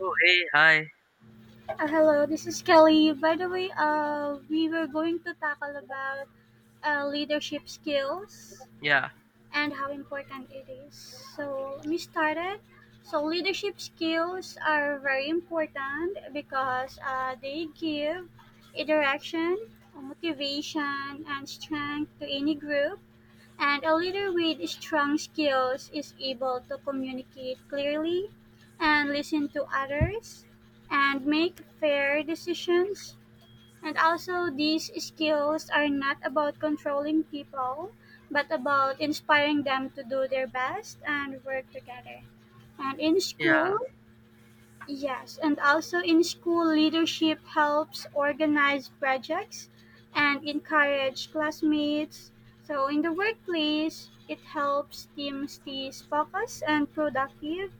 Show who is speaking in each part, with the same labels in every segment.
Speaker 1: Oh, hey, hi.
Speaker 2: Hello, this is Kelly. By the way, we were going to tackle about leadership skills
Speaker 1: Yeah,
Speaker 2: and how important it is. So let me start it. So leadership skills are very important because they give a direction, motivation, and strength to any group, and a leader with strong skills is able to communicate clearly and listen to others and make fair decisions. And also, these skills are not about controlling people, but about inspiring them to do their best and work together. And in school,
Speaker 1: yeah,
Speaker 2: yes, and also in school, leadership helps organize projects and encourage classmates. So in the workplace, it helps teams stay focused and productive.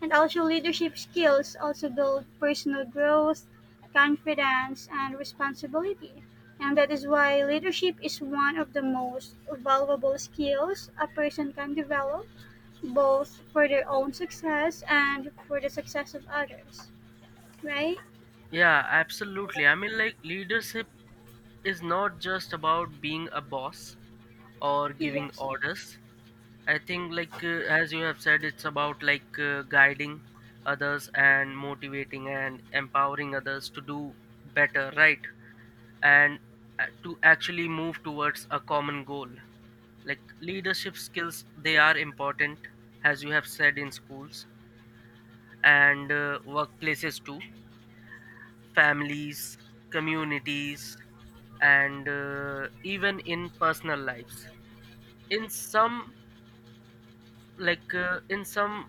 Speaker 2: And also, leadership skills also build personal growth, confidence, and responsibility. And that is why leadership is one of the most valuable skills a person can develop, both for their own success and for the success of others, right?
Speaker 1: yeah, absolutely. I mean, like, leadership is not just about being a boss or giving
Speaker 2: Yes,
Speaker 1: orders. I think, like, as you have said, it's about like guiding others and motivating and empowering others to do better, right? And to actually move towards a common goal. Like, leadership skills, they are important, as you have said, in schools and workplaces too, families, communities, and even in personal lives. In some, like in some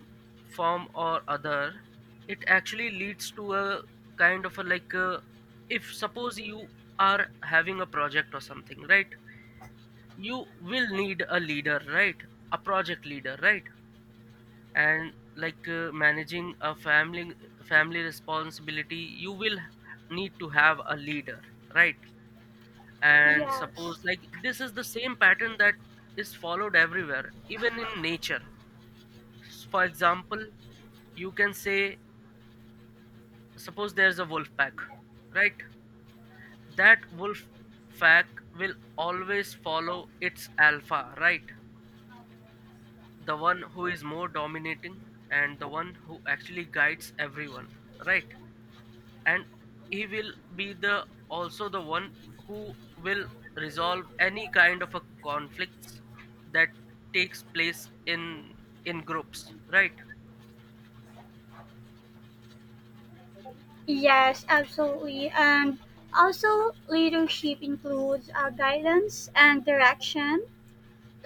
Speaker 1: form or other, it actually leads to a kind of a like, if suppose you are having a project or something, right? You will need a leader, right? A project leader, right? And like managing a family responsibility, you will need to have a leader, right? And
Speaker 2: yes,
Speaker 1: suppose like this is the same pattern that is followed everywhere, even in nature. For example, you can say suppose there's a wolf pack, right? That wolf pack will always follow its alpha, right? The one who is more dominating and the one who actually guides everyone, right? And he will be the also the one who will resolve any kind of a conflicts that takes place in groups, right?
Speaker 2: yes, absolutely. And also, leadership includes guidance and direction.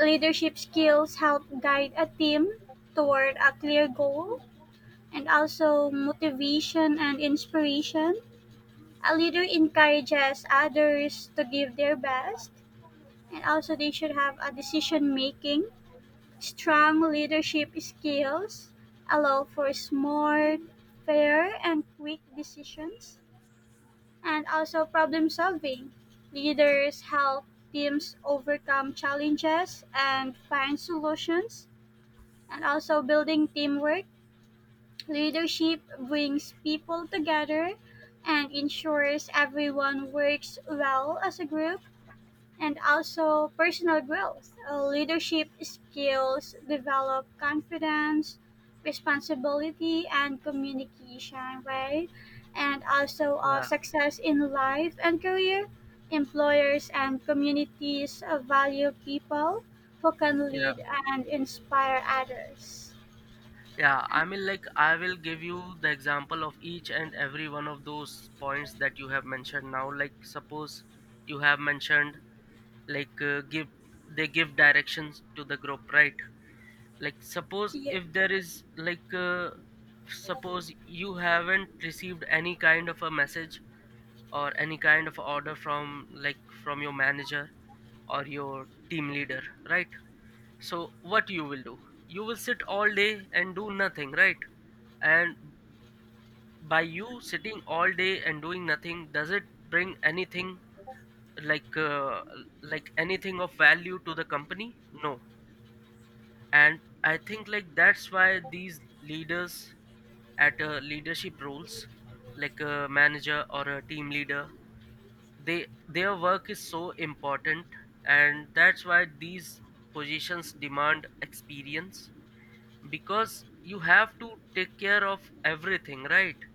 Speaker 2: Leadership skills help guide a team toward a clear goal, and also motivation and inspiration. A leader encourages others to give their best, and also they should have a decision making. Strong leadership skills allow for smart, fair, and quick decisions, and also problem solving. Leaders help teams overcome challenges and find solutions, and also building teamwork. Leadership brings people together and ensures everyone works well as a group, and also personal growth. Leadership skills, develop confidence, responsibility, and communication, right? And also
Speaker 1: Yeah,
Speaker 2: success in life and career. Employers and communities value people who can
Speaker 1: yeah
Speaker 2: lead and inspire others.
Speaker 1: yeah, I mean, like, I will give you the example of each and every one of those points that you have mentioned now. Like, suppose you have mentioned like give, they give directions to the group, right? Like suppose
Speaker 2: Yeah.
Speaker 1: if there is like suppose you haven't received any kind of a message or any kind of order from like from your manager or your team leader, right? So what you will do, you will sit all day and do nothing, right? And by you sitting all day and doing nothing, does it bring anything like uh, like anything of value to the company? No. And I think like that's why these leaders at leadership roles like a manager or a team leader, they, their work is so important. And that's why these positions demand experience, because you have to take care of everything, right?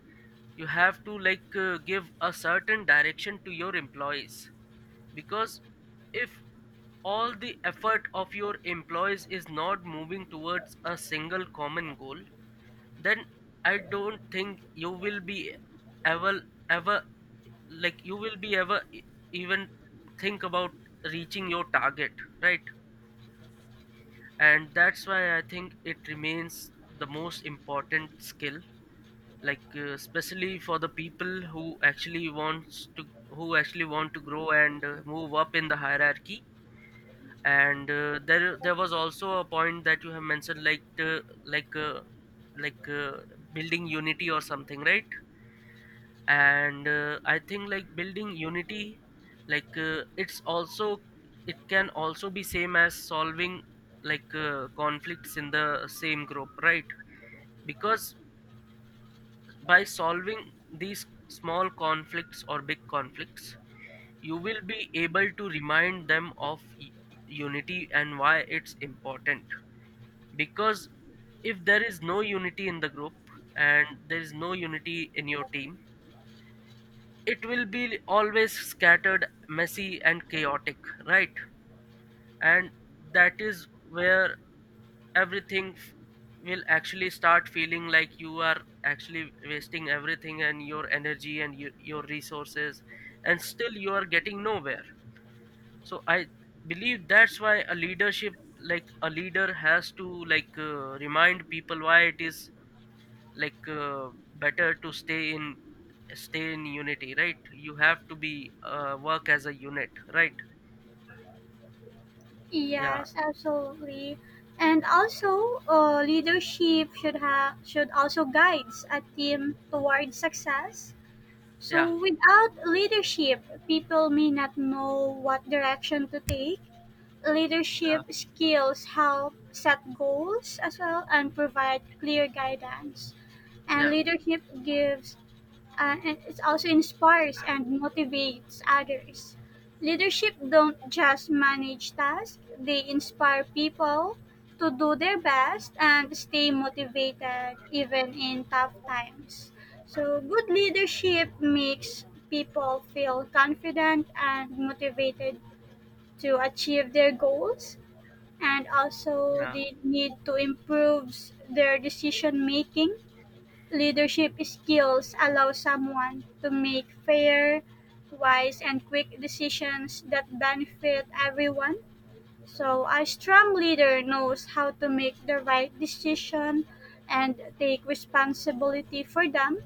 Speaker 1: You have to like give a certain direction to your employees, because if all the effort of your employees is not moving towards a single common goal, then I don't think you will be ever, ever like you will be ever e- even think about reaching your target, right? And that's why I think it remains the most important skill, like especially for the people who actually wants to who actually want to grow and move up in the hierarchy. And there was also a point that you have mentioned, like like uh, like uh, building unity or something, right? And I think like building unity, like it's also, it can also be same as solving like conflicts in the same group, right? Because by solving these small conflicts or big conflicts, you will be able to remind them of unity and why it's important. Because if there is no unity in the group and there is no unity in your team, it will be always scattered, messy and chaotic, right? And that is where everything will actually start feeling like you are actually wasting everything and your energy and your resources, and still you are getting nowhere. So I believe that's why a leadership, like a leader has to like remind people why it is like better to stay in unity, right? You have to be work as a unit, right? Yeah.
Speaker 2: Yes, absolutely. And also, leadership should also guides a team towards success. So,
Speaker 1: Yeah.
Speaker 2: without leadership, people may not know what direction to take.
Speaker 1: Yeah.
Speaker 2: Leadership skills help set goals as well and provide clear guidance. And
Speaker 1: Yeah,
Speaker 2: leadership gives and it also inspires and motivates others. Leadership don't just manage tasks, they inspire people to do their best and stay motivated even in tough times. So, good leadership makes people feel confident and motivated to achieve their goals, and also
Speaker 1: yeah,
Speaker 2: they need to improve their decision making. Leadership skills allow someone to make fair, wise, and quick decisions that benefit everyone. So, a strong leader knows how to make the right decision and take responsibility for them.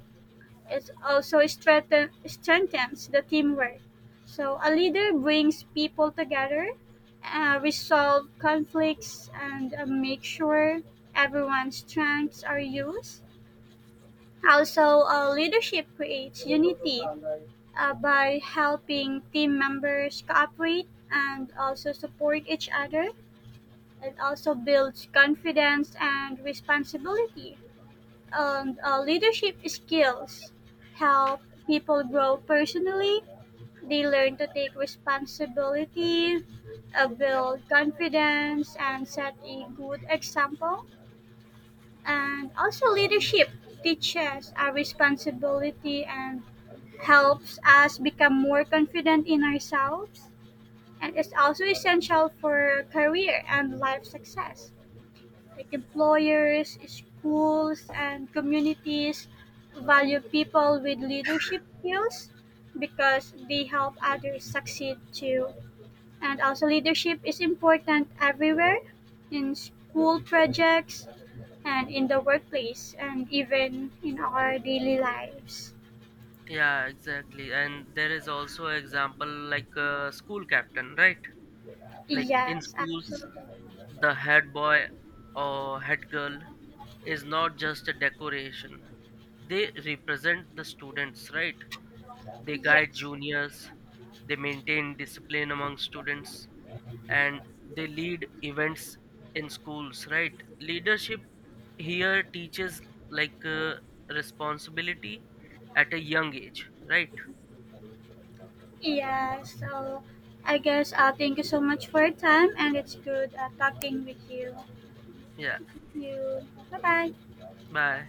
Speaker 2: It also strengthens the teamwork. So, a leader brings people together, resolve conflicts, and make sure everyone's strengths are used. Also, leadership creates unity by helping team members cooperate and also support each other. It also builds confidence and responsibility. And leadership skills help people grow personally. They learn to take responsibility, build confidence, and set a good example. And also, leadership teaches our responsibility and helps us become more confident in ourselves, and is also essential for career and life success. Like employers, schools, and communities value people with leadership skills because they help others succeed too. And also, leadership is important everywhere, in school projects and in the workplace and even in our daily lives.
Speaker 1: yeah, exactly. And there is also example like school captain, right? Like in
Speaker 2: Yes,
Speaker 1: schools,
Speaker 2: absolutely.
Speaker 1: the head boy or head girl is not just a decoration. They represent the students, right? They guide
Speaker 2: Yes.
Speaker 1: juniors, they maintain discipline among students, and they lead events in schools, right? Leadership here teaches like responsibility at a young age, right?
Speaker 2: Yeah, so I guess thank you so much for your time and it's good talking with you.
Speaker 1: Yeah,
Speaker 2: You bye bye.
Speaker 1: bye.